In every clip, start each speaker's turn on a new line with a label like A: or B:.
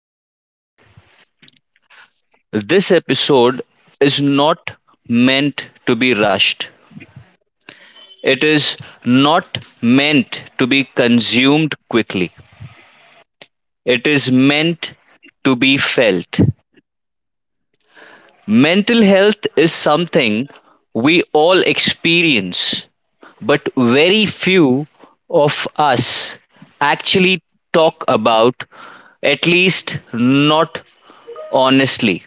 A: a bit. This episode is not meant to be rushed. It is not meant to be consumed quickly. It is meant to be felt. Mental health is something we all experience, but very few of us actually talk about, at least not honestly.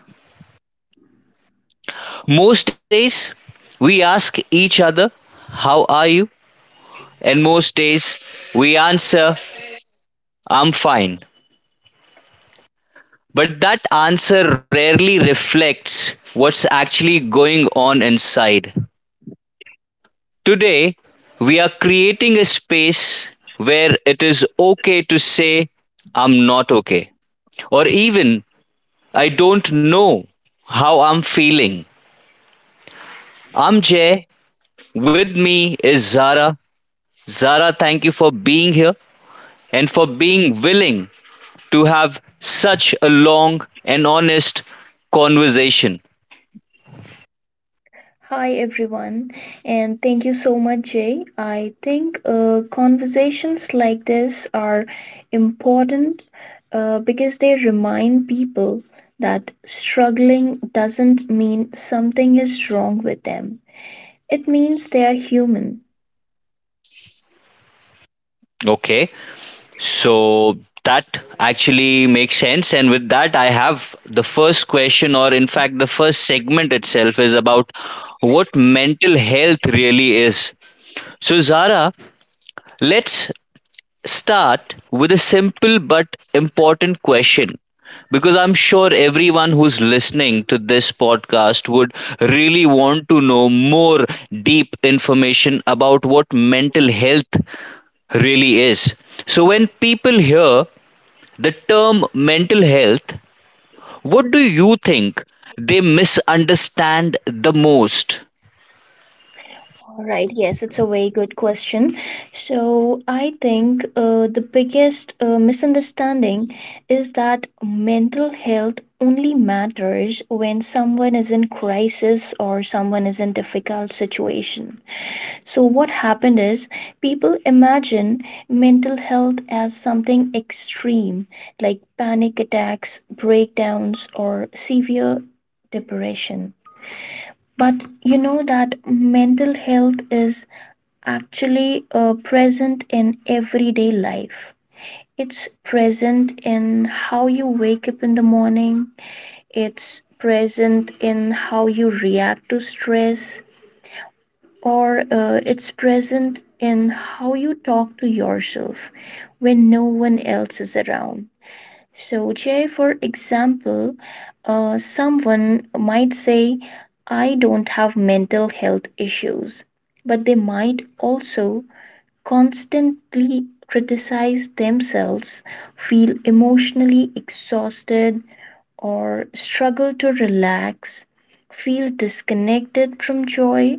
A: Most days, we ask each other, "How are you?" And most days, we answer, "I'm fine." But that answer rarely reflects what's actually going on inside. Today, we are creating a space where it is okay to say, "I'm not okay," or even, "I don't know how I'm feeling." I'm Jay. With me is Zara. Zara, thank you for being here and for being willing to have such a long and honest conversation.
B: Hi everyone, and thank you so much, Jay. I think conversations like this are important because they remind people that struggling doesn't mean something is wrong with them. It means they are human.
A: Okay. So that actually makes sense. And with that, I have the first question, or in fact, the first segment itself is about what mental health really is. So, Zara, let's start with a simple but important question, because I'm sure everyone who's listening to this podcast would really want to know more deep information about what mental health really is. So, when people hear the term mental health, what do you think they misunderstand the most?
B: All right, yes, it's a very good question. So, I think the biggest misunderstanding is that mental health only matters when someone is in crisis or someone is in difficult situation. So, what happened is people imagine mental health as something extreme like panic attacks, breakdowns, or severe depression. But you know that mental health is actually present in everyday life. It's present in how you wake up in the morning, it's present in how you react to stress, or it's present in how you talk to yourself when no one else is around. So, Jay, for example, someone might say, I don't have mental health issues, but they might also constantly criticize themselves, feel emotionally exhausted, or struggle to relax, feel disconnected from joy.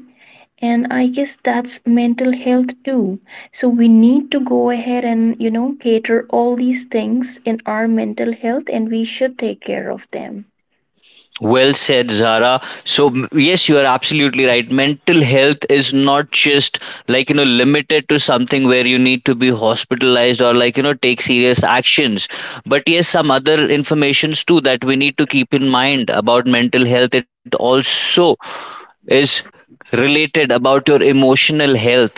B: And I guess that's mental health too. So we need to go ahead and, you know, cater all these things in our mental health and we should take care of them.
A: Well said, Zara. So, yes, you are absolutely right. Mental health is not just, like, you know, limited to something where you need to be hospitalized or, like, you know, take serious actions. But yes, some other informations too that we need to keep in mind about mental health. It also is related about your emotional health.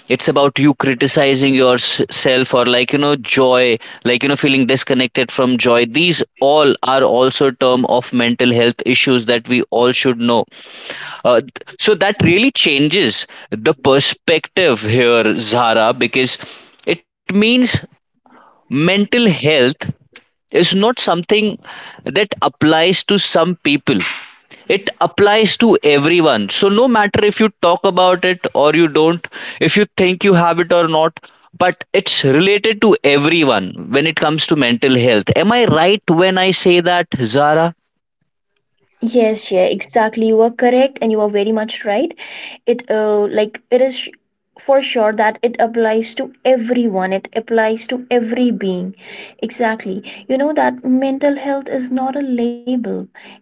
A: It's about you criticizing yourself or, like you know, joy, like you know, feeling disconnected from joy. These all are also term of mental health issues that we all should know. uh, th- so that really changes the perspective here, Zara, because it means mental health is not something that applies to some people. It applies to everyone. So no matter if you talk about it or you don't, if you think you have it or not, but it's related to everyone when it comes to mental health. Am I right when I say that, Zara?
B: Yes, yeah, exactly. You are correct, and you are very much right. It for sure that it applies to everyone. It applies to every being. Exactly. You know that mental health is not a label.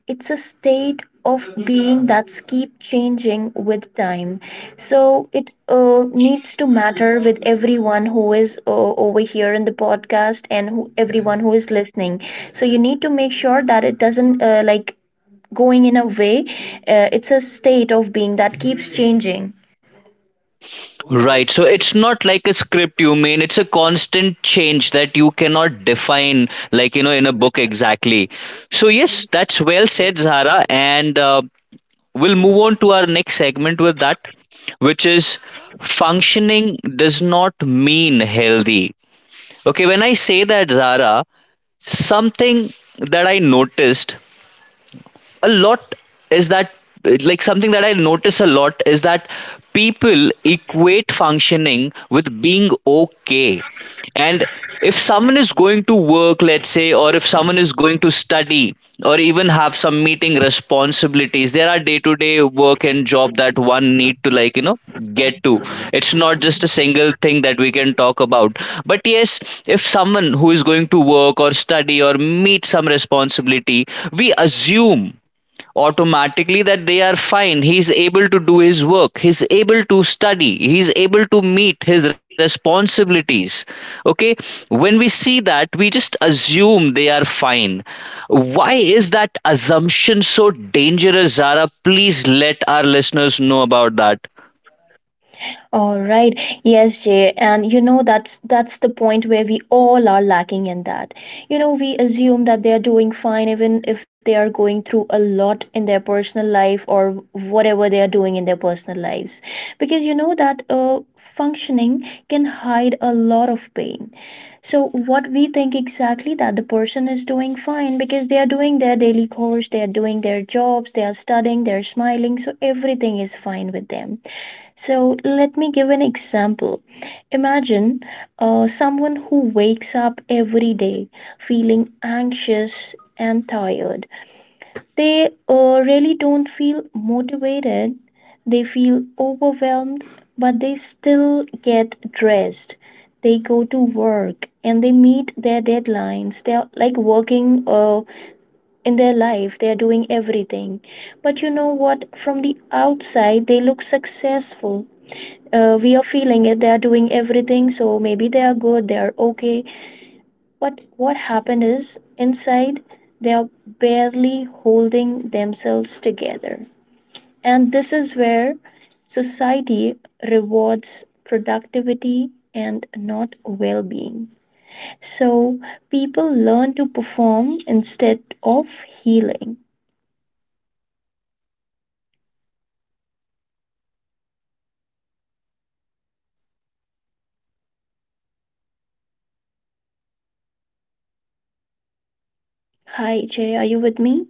B: It's a state of being that's keep changing with time. So it needs to matter with everyone who is over here in the podcast and who everyone who is listening, so you need to make sure that it doesn't like going in a way. It's a state of being that keeps changing.
A: Right, so it's not like a script, you mean. It's a constant change that you cannot define, like you know, in a book exactly. So yes, that's well said, Zara, and we'll move on to our next segment with that, which is functioning does not mean healthy. Okay, when I say that, Zara, something that I noticed a lot is that like something that I notice a lot is that people equate functioning with being okay. And if someone is going to work, let's say, or if someone is going to study or even have some meeting responsibilities, there are day to day work and job that one need to, like, you know, get to. It's not just a single thing that we can talk about. But yes, if someone who is going to work or study or meet some responsibility, we assume automatically that they are fine. He's able to do his work, he's able to study, he's able to meet his responsibilities. Okay, when we see that, we just assume they are fine. Why is that assumption so dangerous, Zara? Please let our listeners know about that.
B: All right. Yes, Jay. And you know that's the point where we all are lacking in that. You know, we assume that they are doing fine even if they are going through a lot in their personal life or whatever they are doing in their personal lives. Because you know that functioning can hide a lot of pain. So what we think exactly that the person is doing fine because they are doing their daily chores, they are doing their jobs, they are studying, they're smiling, so everything is fine with them. So let me give an example. Imagine someone who wakes up every day feeling anxious and tired, they really don't feel motivated, they feel overwhelmed, but they still get dressed, they go to work and they meet their deadlines, they're like working in their life, they're doing everything, but you know what, from the outside they look successful. We are feeling it, they are doing everything, so maybe they are good, they are okay. But what happened is, inside, they're barely holding themselves together. And this is where society rewards productivity and not well being. So people learn to perform instead of healing. Hi, Jay, are you with me?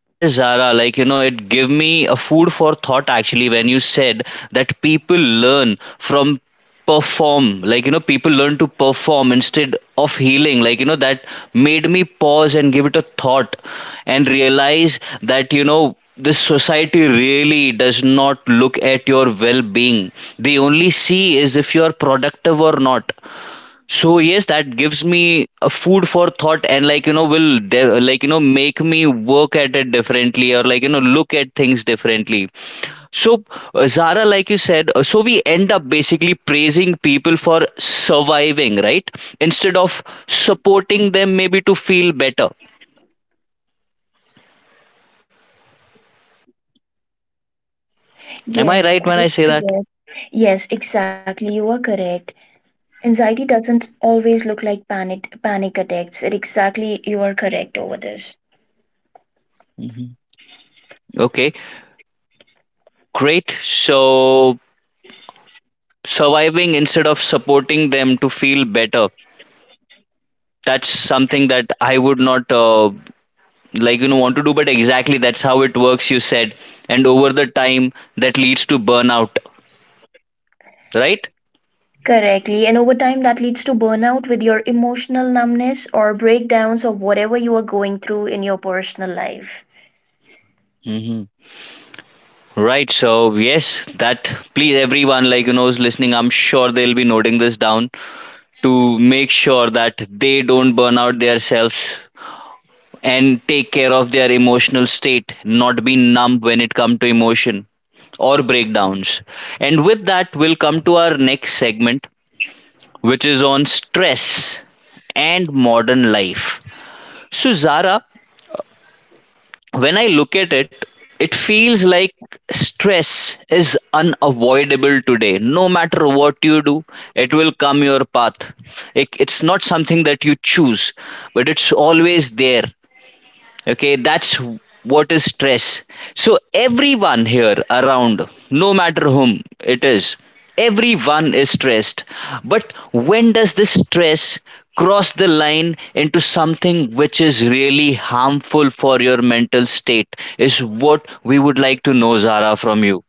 A: Yes, Zara, like you know, it gave me a food for thought actually when you said that people learn to perform instead of healing. Like you know, that made me pause and give it a thought and realize that, you know, this society really does not look at your well being. They only see is if you are productive or not. So yes, that gives me a food for thought and, like you know, will like you know, make me work at it differently or, like you know, look at things differently. So Zara, like you said, so we end up basically praising people for surviving, right? Instead of supporting them maybe to feel better. Am I right
B: Yes,
A: when I
B: that
A: say
B: is
A: that?
B: correct. Yes, exactly. You are correct. Anxiety doesn't always look like panic attacks. It exactly, you are correct over this.
A: Hmm. Okay, great. So surviving instead of supporting them to feel better. That's something that I would not like you know want to do, but exactly that's how it works, you said. And over the time, that leads to burnout, right?
B: Correctly. And over time, that leads to burnout with your emotional numbness or breakdowns or whatever you are going through in your personal life.
A: Hmm. Right, so yes, that, please everyone, like you know, who's listening, I'm sure they'll be noting this down to make sure that they don't burn out themselves and take care of their emotional state, not be numb when it comes to emotion or breakdowns. And with that, we'll come to our next segment, which is on stress and modern life. So, Zara, when I look at it, it feels like stress is unavoidable today. No matter what you do, it will come your path. It's not something that you choose, but it's always there. Okay, that's what is stress. So everyone here around, no matter whom it is, everyone is stressed. But when does this stress cross the line into something which is really harmful for your mental state is what we would like to know, Zara, from you.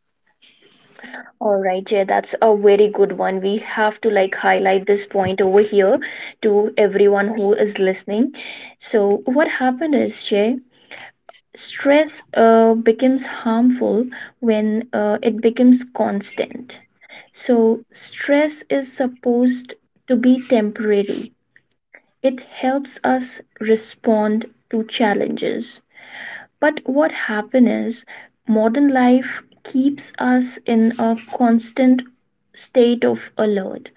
B: All right, Jay, that's a very good one. We have to like highlight this point over here to everyone who is listening. So, what happened is, Jay, stress becomes harmful when it becomes constant. So, stress is supposed to be temporary. It helps us respond to challenges. But what happens is, modern life keeps us in a constant state of alert.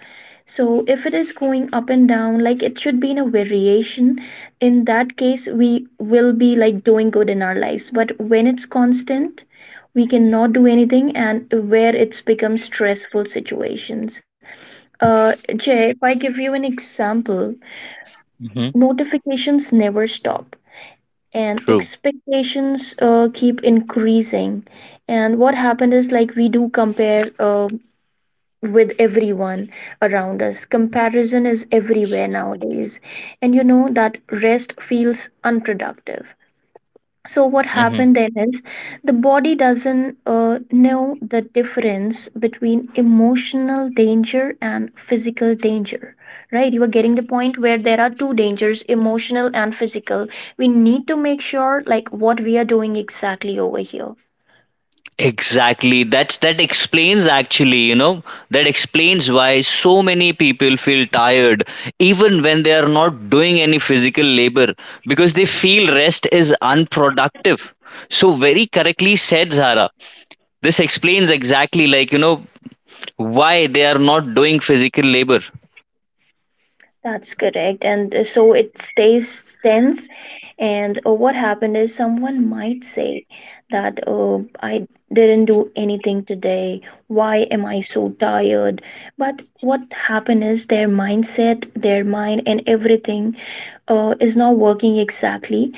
B: So, if it is going up and down, like it should be in a variation, in that case, we will be like doing good in our lives. But when it's constant, we cannot do anything, and where it's become stressful situations. Jay, if I give you an example,
A: Hmm.
B: notifications never stop and expectations keep increasing, and what happened is like we do compare with everyone around us. Comparison is everywhere nowadays, and you know that rest feels unproductive. So what
A: True.
B: happened then is the body doesn't know the difference between emotional danger and physical danger, right? You are getting the point where there are two dangers, emotional and physical. We need to make sure like what we are doing exactly over here.
A: Exactly. That's, that explains actually, you know, that explains why so many people feel tired even when they are not doing any physical labor, because they feel rest is unproductive. So very correctly said, Zara. This explains exactly, like, you know, why they are not doing physical labor.
B: That's correct. And so it stays tense. And what happened is someone might say that I didn't do anything today. Why am I so tired? But what happened is their mindset, their mind, and everything is not working exactly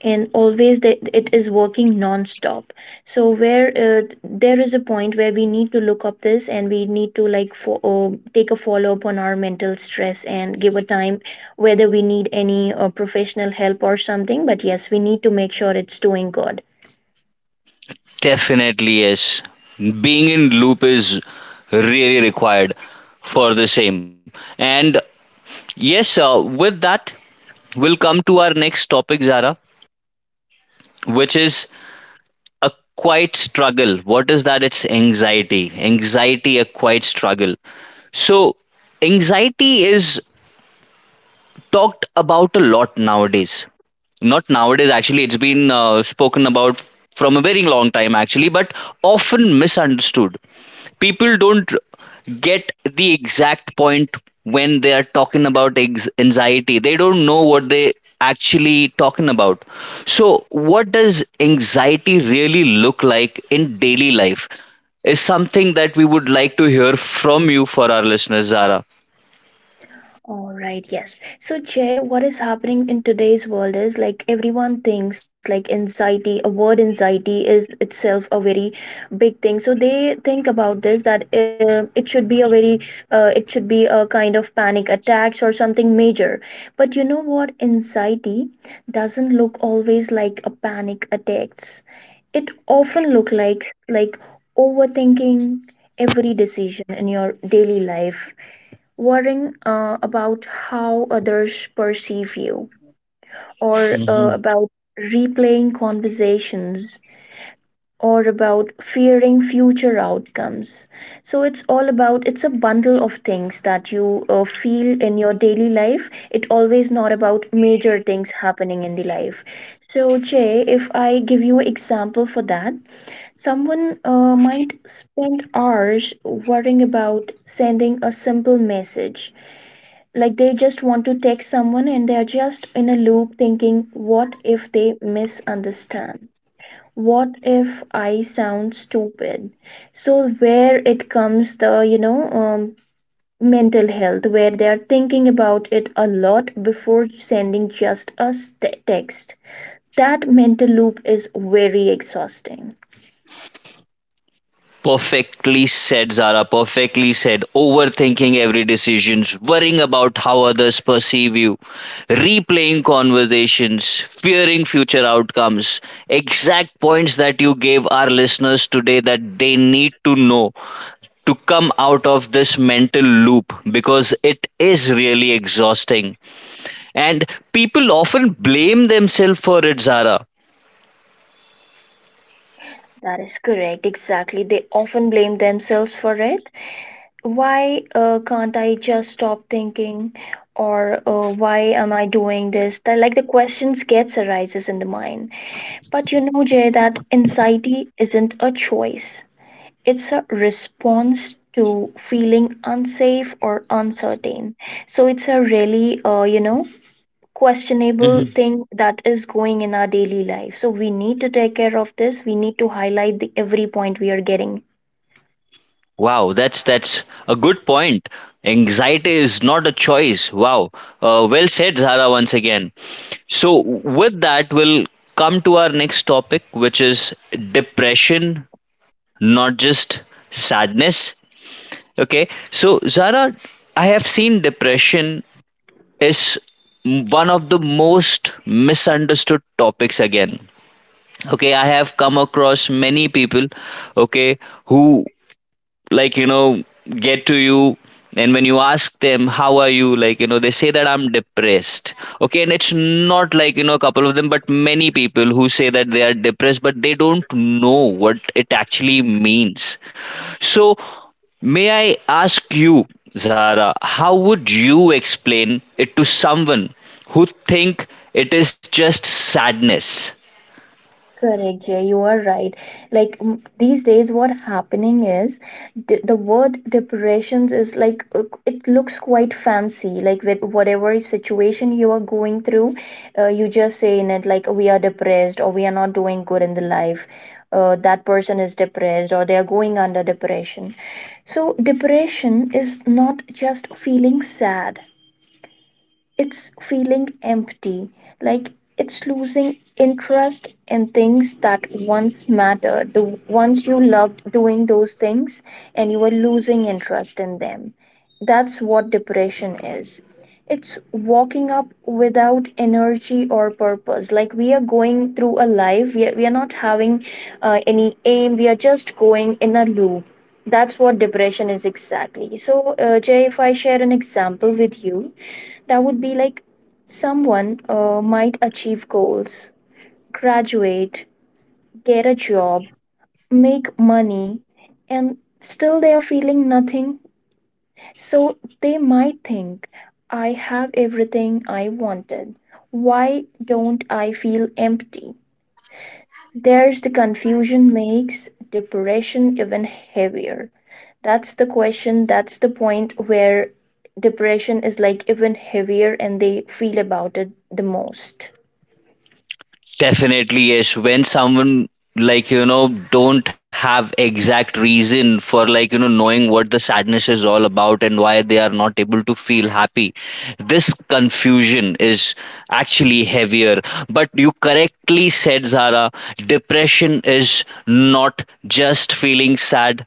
B: and always, the, it is working non-stop. So where there is a point where we need to look up this and we need to like take a follow-up on our mental stress and give a time whether we need any professional help or something, but yes, we need to make sure it's doing good.
A: Definitely, yes. Being in loop is really required for the same. And yes, with that, we'll come to our next topic, Zara, which is a quiet struggle. What is that? It's anxiety. Anxiety, a quiet struggle. So, anxiety is talked about a lot nowadays. Not nowadays, actually, it's been spoken about from a very long time, actually, but often misunderstood. People don't get the exact point. When they are talking about anxiety, they don't know what they actually talking about. So what does anxiety really look like in daily life is something that we would like to hear from you for our listeners, Zara.
B: All right, yes. So, Jay, what is happening in today's world is like everyone thinks like anxiety, a word anxiety is itself a very big thing. So they think about this that it should be a kind of panic attacks or something major. But you know what? Anxiety doesn't look always like a panic attacks. It often look like overthinking every decision in your daily life, worrying about how others perceive you, or about replaying conversations, or about fearing future outcomes. So it's all about, it's a bundle of things that you feel in your daily life. It always not about major things happening in the life. So Jay, if I give you example for that, someone might spend hours worrying about sending a simple message, like they just want to text someone and they are just in a loop thinking, what if they misunderstand? What if I sound stupid? So where it comes the, you know, mental health, where they are thinking about it a lot before sending just a text. That mental loop is very exhausting.
A: Perfectly said, Zara. Perfectly said. Overthinking every decisions, worrying about how others perceive you, replaying conversations, fearing future outcomes. Exact points that you gave our listeners today that they need to know to come out of this mental loop, because it is really exhausting. And people often blame themselves for it, Zara.
B: That is correct, exactly. They often blame themselves for it. Why can't I just stop thinking, or why am I doing this? That, like, the questions gets arises in the mind. But you know, Jay, that anxiety isn't a choice. It's a response to feeling unsafe or uncertain. So it's a really you know, questionable thing that is going in our daily life. So we need to take care of this. We need to highlight the every point we are getting.
A: Wow, that's a good point. Anxiety is not a choice. Wow, well said, Zara, once again. So with that, we'll come to our next topic, which is depression, not just sadness. Okay, so Zara, I have seen depression is one of the most misunderstood topics again. Okay, I have come across many people, okay, who, like you know, get to you, and when you ask them how are you, like you know, they say that I'm depressed. Okay, and it's not, like you know, a couple of them, but many people who say that they are depressed, but they don't know what it actually means. So may I ask you, Zara, how would you explain it to someone who think it is just sadness?
B: Correct, Jay, you are right. Like these days, what happening is the word depressions is like it looks quite fancy. Like, with whatever situation you are going through, you just say in it like we are depressed or we are not doing good in the life. That person is depressed or they are going under depression. So depression is not just feeling sad, it's feeling empty, like it's losing interest in things that once mattered. The once you loved doing those things and you were losing interest in them. That's what depression is. It's walking up without energy or purpose. Like we are going through a life, we are not having any aim, we are just going in a loop. That's what depression is exactly. So, Jay, if I share an example with you, that would be like someone might achieve goals, graduate, get a job, make money, and still they are feeling nothing. So they might think, I have everything I wanted. Why don't I feel empty? There's the confusion makes depression even heavier. That's the question, that's the point where depression is like even heavier and they feel about it the most.
A: Definitely, yes. When someone like you know don't have exact reason for, like you know, knowing what the sadness is all about and why they are not able to feel happy, this confusion is actually heavier. But you correctly said, Zara, depression is not just feeling sad,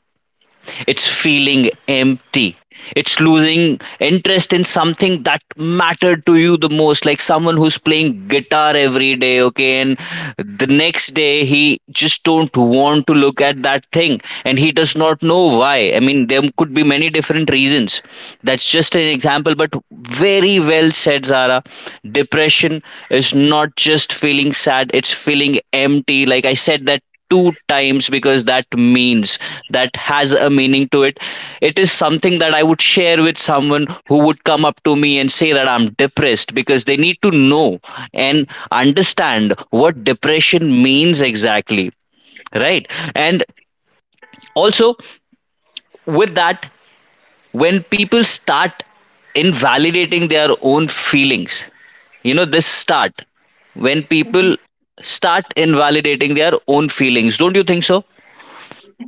A: it's feeling empty. It's losing interest in something that mattered to you the most, like someone who's playing guitar every day, okay, and the next day he just don't want to look at that thing, and he does not know why. I mean, there could be many different reasons. That's just an example, but very well said, Zara. Depression is not just feeling sad, it's feeling empty. Like I said, that two times because that means that has a meaning to it. It is something that I would share with someone who would come up to me and say that I'm depressed, because they need to know and understand what depression means exactly, right? And also, with that, when people start invalidating their own feelings you know this start when
B: Mhm.
A: people start invalidating their own feelings, don't you think so?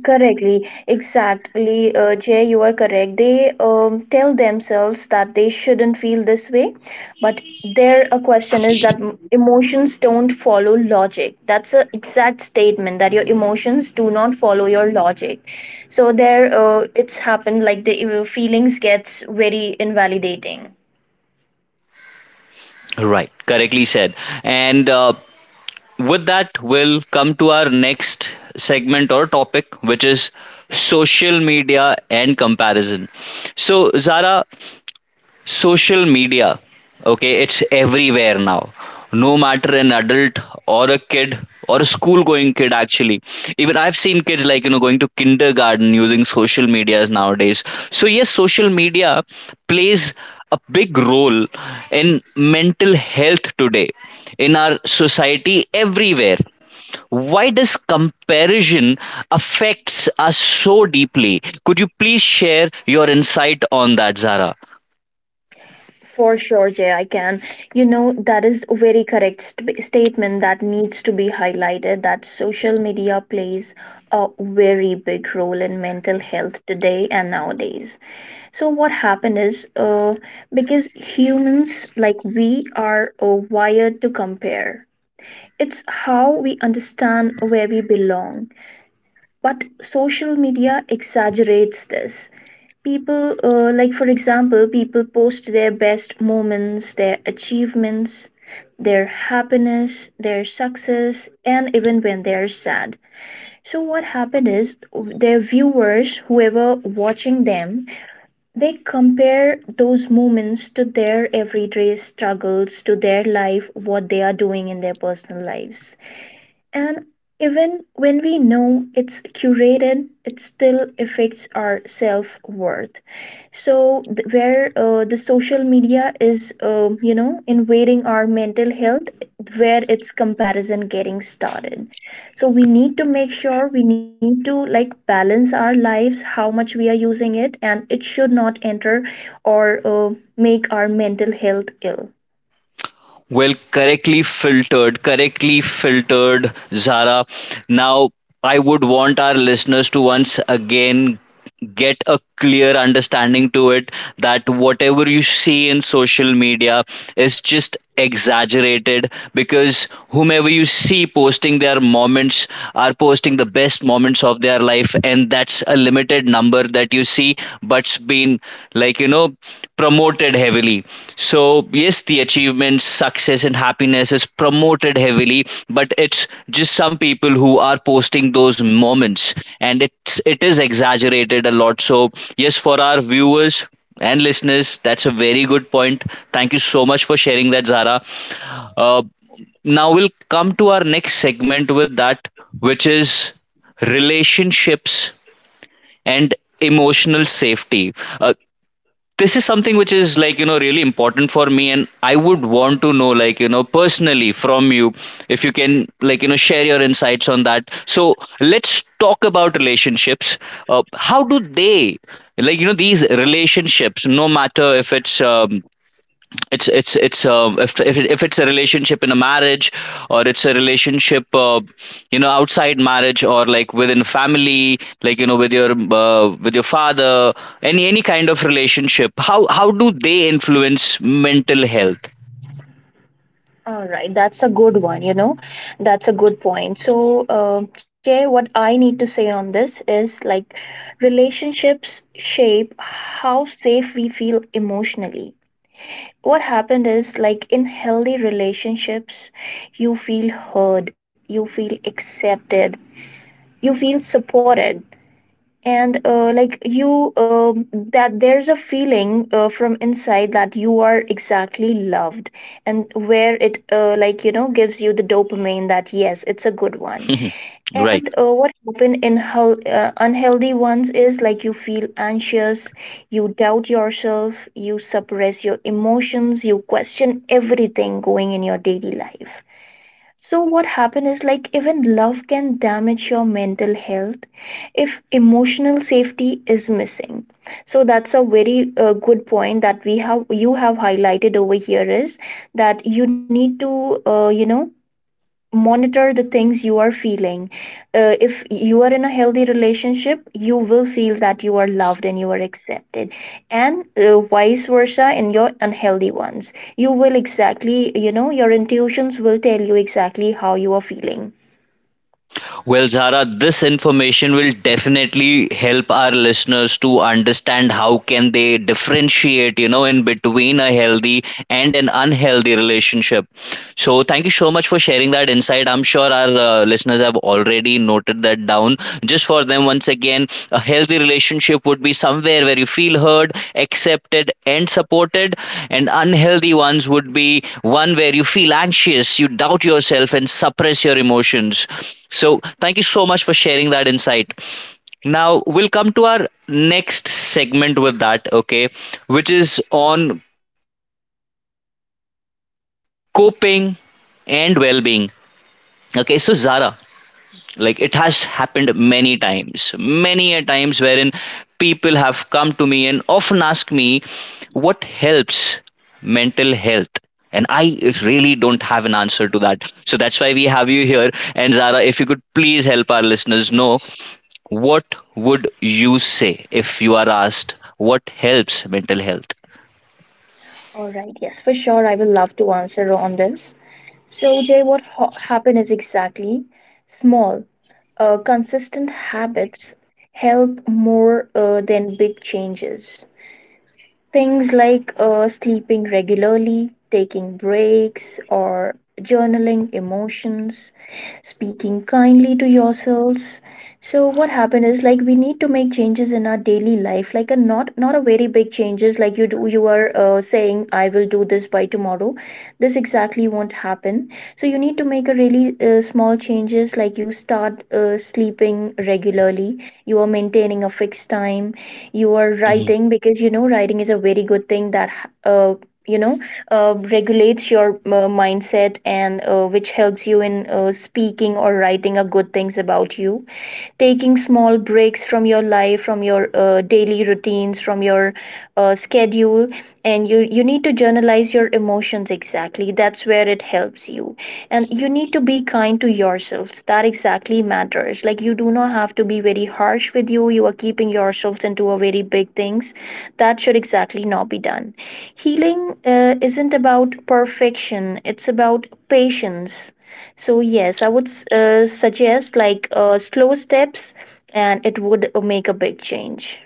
B: Correctly, exactly, Jay, you are correct. They tell themselves that they shouldn't feel this way, but their question is that emotions don't follow logic. That's an exact statement that your emotions do not follow your logic. So there, it's happened like the feelings gets very invalidating.
A: Right, correctly said. And with that, we'll come to our next segment or topic, which is social media and comparison. So, Zara, social media, okay, it's everywhere now. No matter an adult or a kid or a school going kid, actually, even I've seen kids, like you know, going to kindergarten using social medias nowadays. So yes, social media plays a big role in mental health today, in our society, everywhere. Why does comparison affects us so deeply? Could you please share your insight on that, Zara?
B: For sure, Jay, I can. You know, that is a very correct statement that needs to be highlighted that social media plays a very big role in mental health today and nowadays. So, what happened is because humans, like we, are wired to compare, it's how we understand where we belong. But social media exaggerates this. People, like for example, people post their best moments, their achievements, their happiness, their success, and even when they're sad. So, what happened is their viewers, whoever watching them, they compare those moments to their everyday struggles, to their life, what they are doing in their personal lives. And even when we know it's curated, it still affects our self worth. So, where the social media is, invading our mental health, where it's comparison getting started. So, we need to make sure we need to like balance our lives, how much we are using it, and it should not enter or make our mental health ill.
A: Well, correctly filtered, Zara. Now, I would want our listeners to once again get a clear understanding to it that whatever you see in social media is just exaggerated, because whomever you see posting their moments are posting the best moments of their life, and that's a limited number that you see, but's been like promoted heavily. So, yes, the achievements, success, and happiness is promoted heavily, but it's just some people who are posting those moments, and it is exaggerated a lot. So, yes, for our viewers and listeners, that's a very good point. Thank you so much for sharing that, Zara. Uh, now we'll come to our next segment with that, which is relationships and emotional safety. Uh, this is something which is like really important for me, and I would want to know, like, personally, from you, if you can, like, share your insights on that. So let's talk about relationships. How do they, like, these relationships, no matter if it's if, it, if it's a relationship in a marriage, or it's a relationship, you know, outside marriage, or like within family, like with your father. Any kind of relationship, how do they influence mental health?
B: All right, that's a good one. That's a good point. So, Jay, what I need to say on this is like relationships shape how safe we feel emotionally. What happened is like in healthy relationships, you feel heard, you feel accepted, you feel supported and like you that there's a feeling from inside that you are exactly loved and where it gives you the dopamine that yes it's a good one
A: Right.
B: and what happen in unhealthy ones is like you feel anxious, you doubt yourself, you suppress your emotions, you question everything going in your daily life. So what happen is like even love can damage your mental health if emotional safety is missing. So that's a very good point that we have you have highlighted over here is that you need to monitor the things you are feeling. If you are in a healthy relationship, you will feel that you are loved and you are accepted, and vice versa in your unhealthy ones. You will exactly, you know, your intuitions will tell you exactly how you are feeling.
A: Well, Zara, this information will definitely help our listeners to understand how can they differentiate, in between a healthy and an unhealthy relationship. So, thank you so much for sharing that insight. I'm sure our listeners have already noted that down. Just for them, once again, a healthy relationship would be somewhere where you feel heard, accepted, and supported. And unhealthy ones would be one where you feel anxious, you doubt yourself, and suppress your emotions. So, thank you so much for sharing that insight. Now we'll come to our next segment with that, okay, which is on coping and well-being. Okay, so Zara, like it has happened many times, many a times, wherein people have come to me and often ask me what helps mental health. And I really don't have an answer to that. So that's why we have you here. And Zara, if you could please help our listeners know what would you say if you are asked what helps mental health?
B: All right, yes, for sure I will love to answer on this. So Jay, what happened is exactly small consistent habits help more than big changes. Things like sleeping regularly, taking breaks, or journaling emotions, speaking kindly to yourselves. So what happened is like we need to make changes in our daily life, like a not a very big changes like you do, you are saying I will do this by tomorrow. This exactly won't happen. So you need to make a really small changes like you start sleeping regularly, you are maintaining a fixed time, you are writing
A: Mhm.
B: because you know writing is a very good thing that uh, you know regulates your mindset and which helps you in speaking or writing a good things about you, taking small breaks from your life, from your daily routines, from your schedule. And you need to journalize your emotions, exactly that's where it helps you. And you need to be kind to yourselves, that exactly matters. Like you do not have to be very harsh with you, you are keeping yourselves into a very big things. That should exactly not be done. Healing isn't about perfection, it's about patience. So yes, I would suggest like slow steps, and it would make a big change.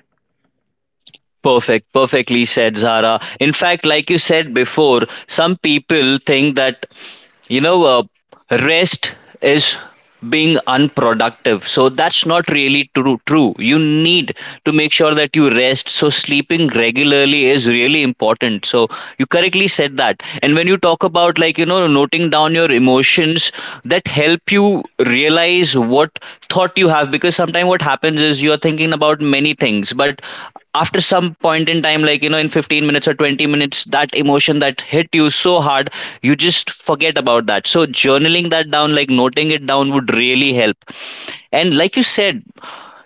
A: Perfect, perfectly said, Zara. In fact, like you said before, some people think that you know uh, rest is being unproductive, so that's not really true. You need to make sure that you rest, so sleeping regularly is really important. So you correctly said that. And when you talk about, like, noting down your emotions, that help you realize what thought you have, because sometimes what happens is you are thinking about many things, but after some point in time, like, in 15 minutes or 20 minutes, that emotion that hit you so hard, you just forget about that. So journaling that down, like noting it down, would really help. And like you said,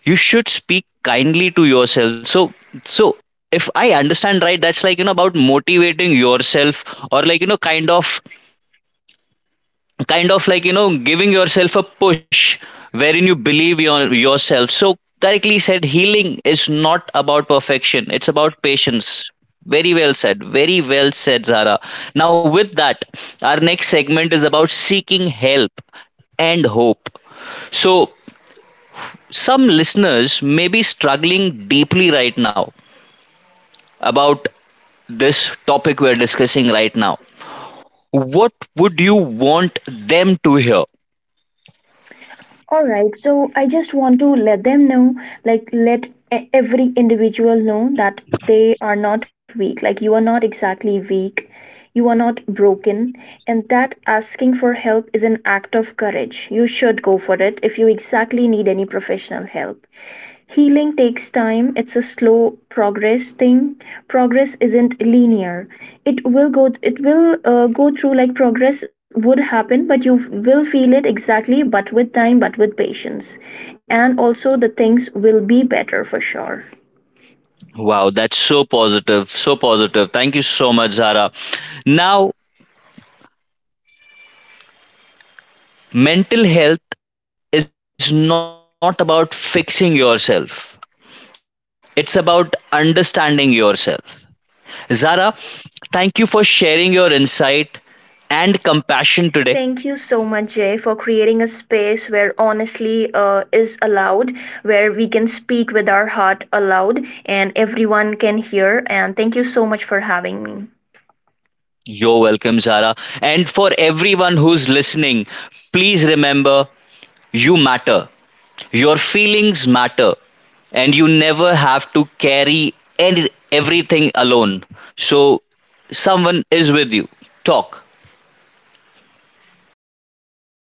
A: you should speak kindly to yourself. So if I understand right, that's, like, about motivating yourself, or, like, kind of, like, giving yourself a push, wherein you believe yourself. So, correctly said, healing is not about perfection, it's about patience. Very well said, very well said, Zara. Now, with that, our next segment is about seeking help and hope. So some listeners may be struggling deeply right now about this topic we're discussing right now. What would you want them to hear?
B: All right, so I just want to let them know, like, let every individual know that they are not weak. Like, you are not exactly weak. You are not broken. And that asking for help is an act of courage. You should go for it if you exactly need any professional help. Healing takes time, it's a slow progress thing. Progress isn't linear. It will go through like progress would happen, but you will feel it exactly, but with time, but with patience. And also the things will be better for sure.
A: Wow, that's so positive, so positive. Thank you so much, Zara. Now, mental health is not about fixing yourself, it's about understanding yourself. Zara, thank you for sharing your insight and compassion today.
B: Thank you so much, Jay, for creating a space where honestly is allowed, where we can speak with our heart aloud and everyone can hear. And thank you so much for having me.
A: You're welcome, Zara. And for everyone who's listening, please remember, you matter. Your feelings matter, and you never have to carry everything alone. So, someone is with you. Talk.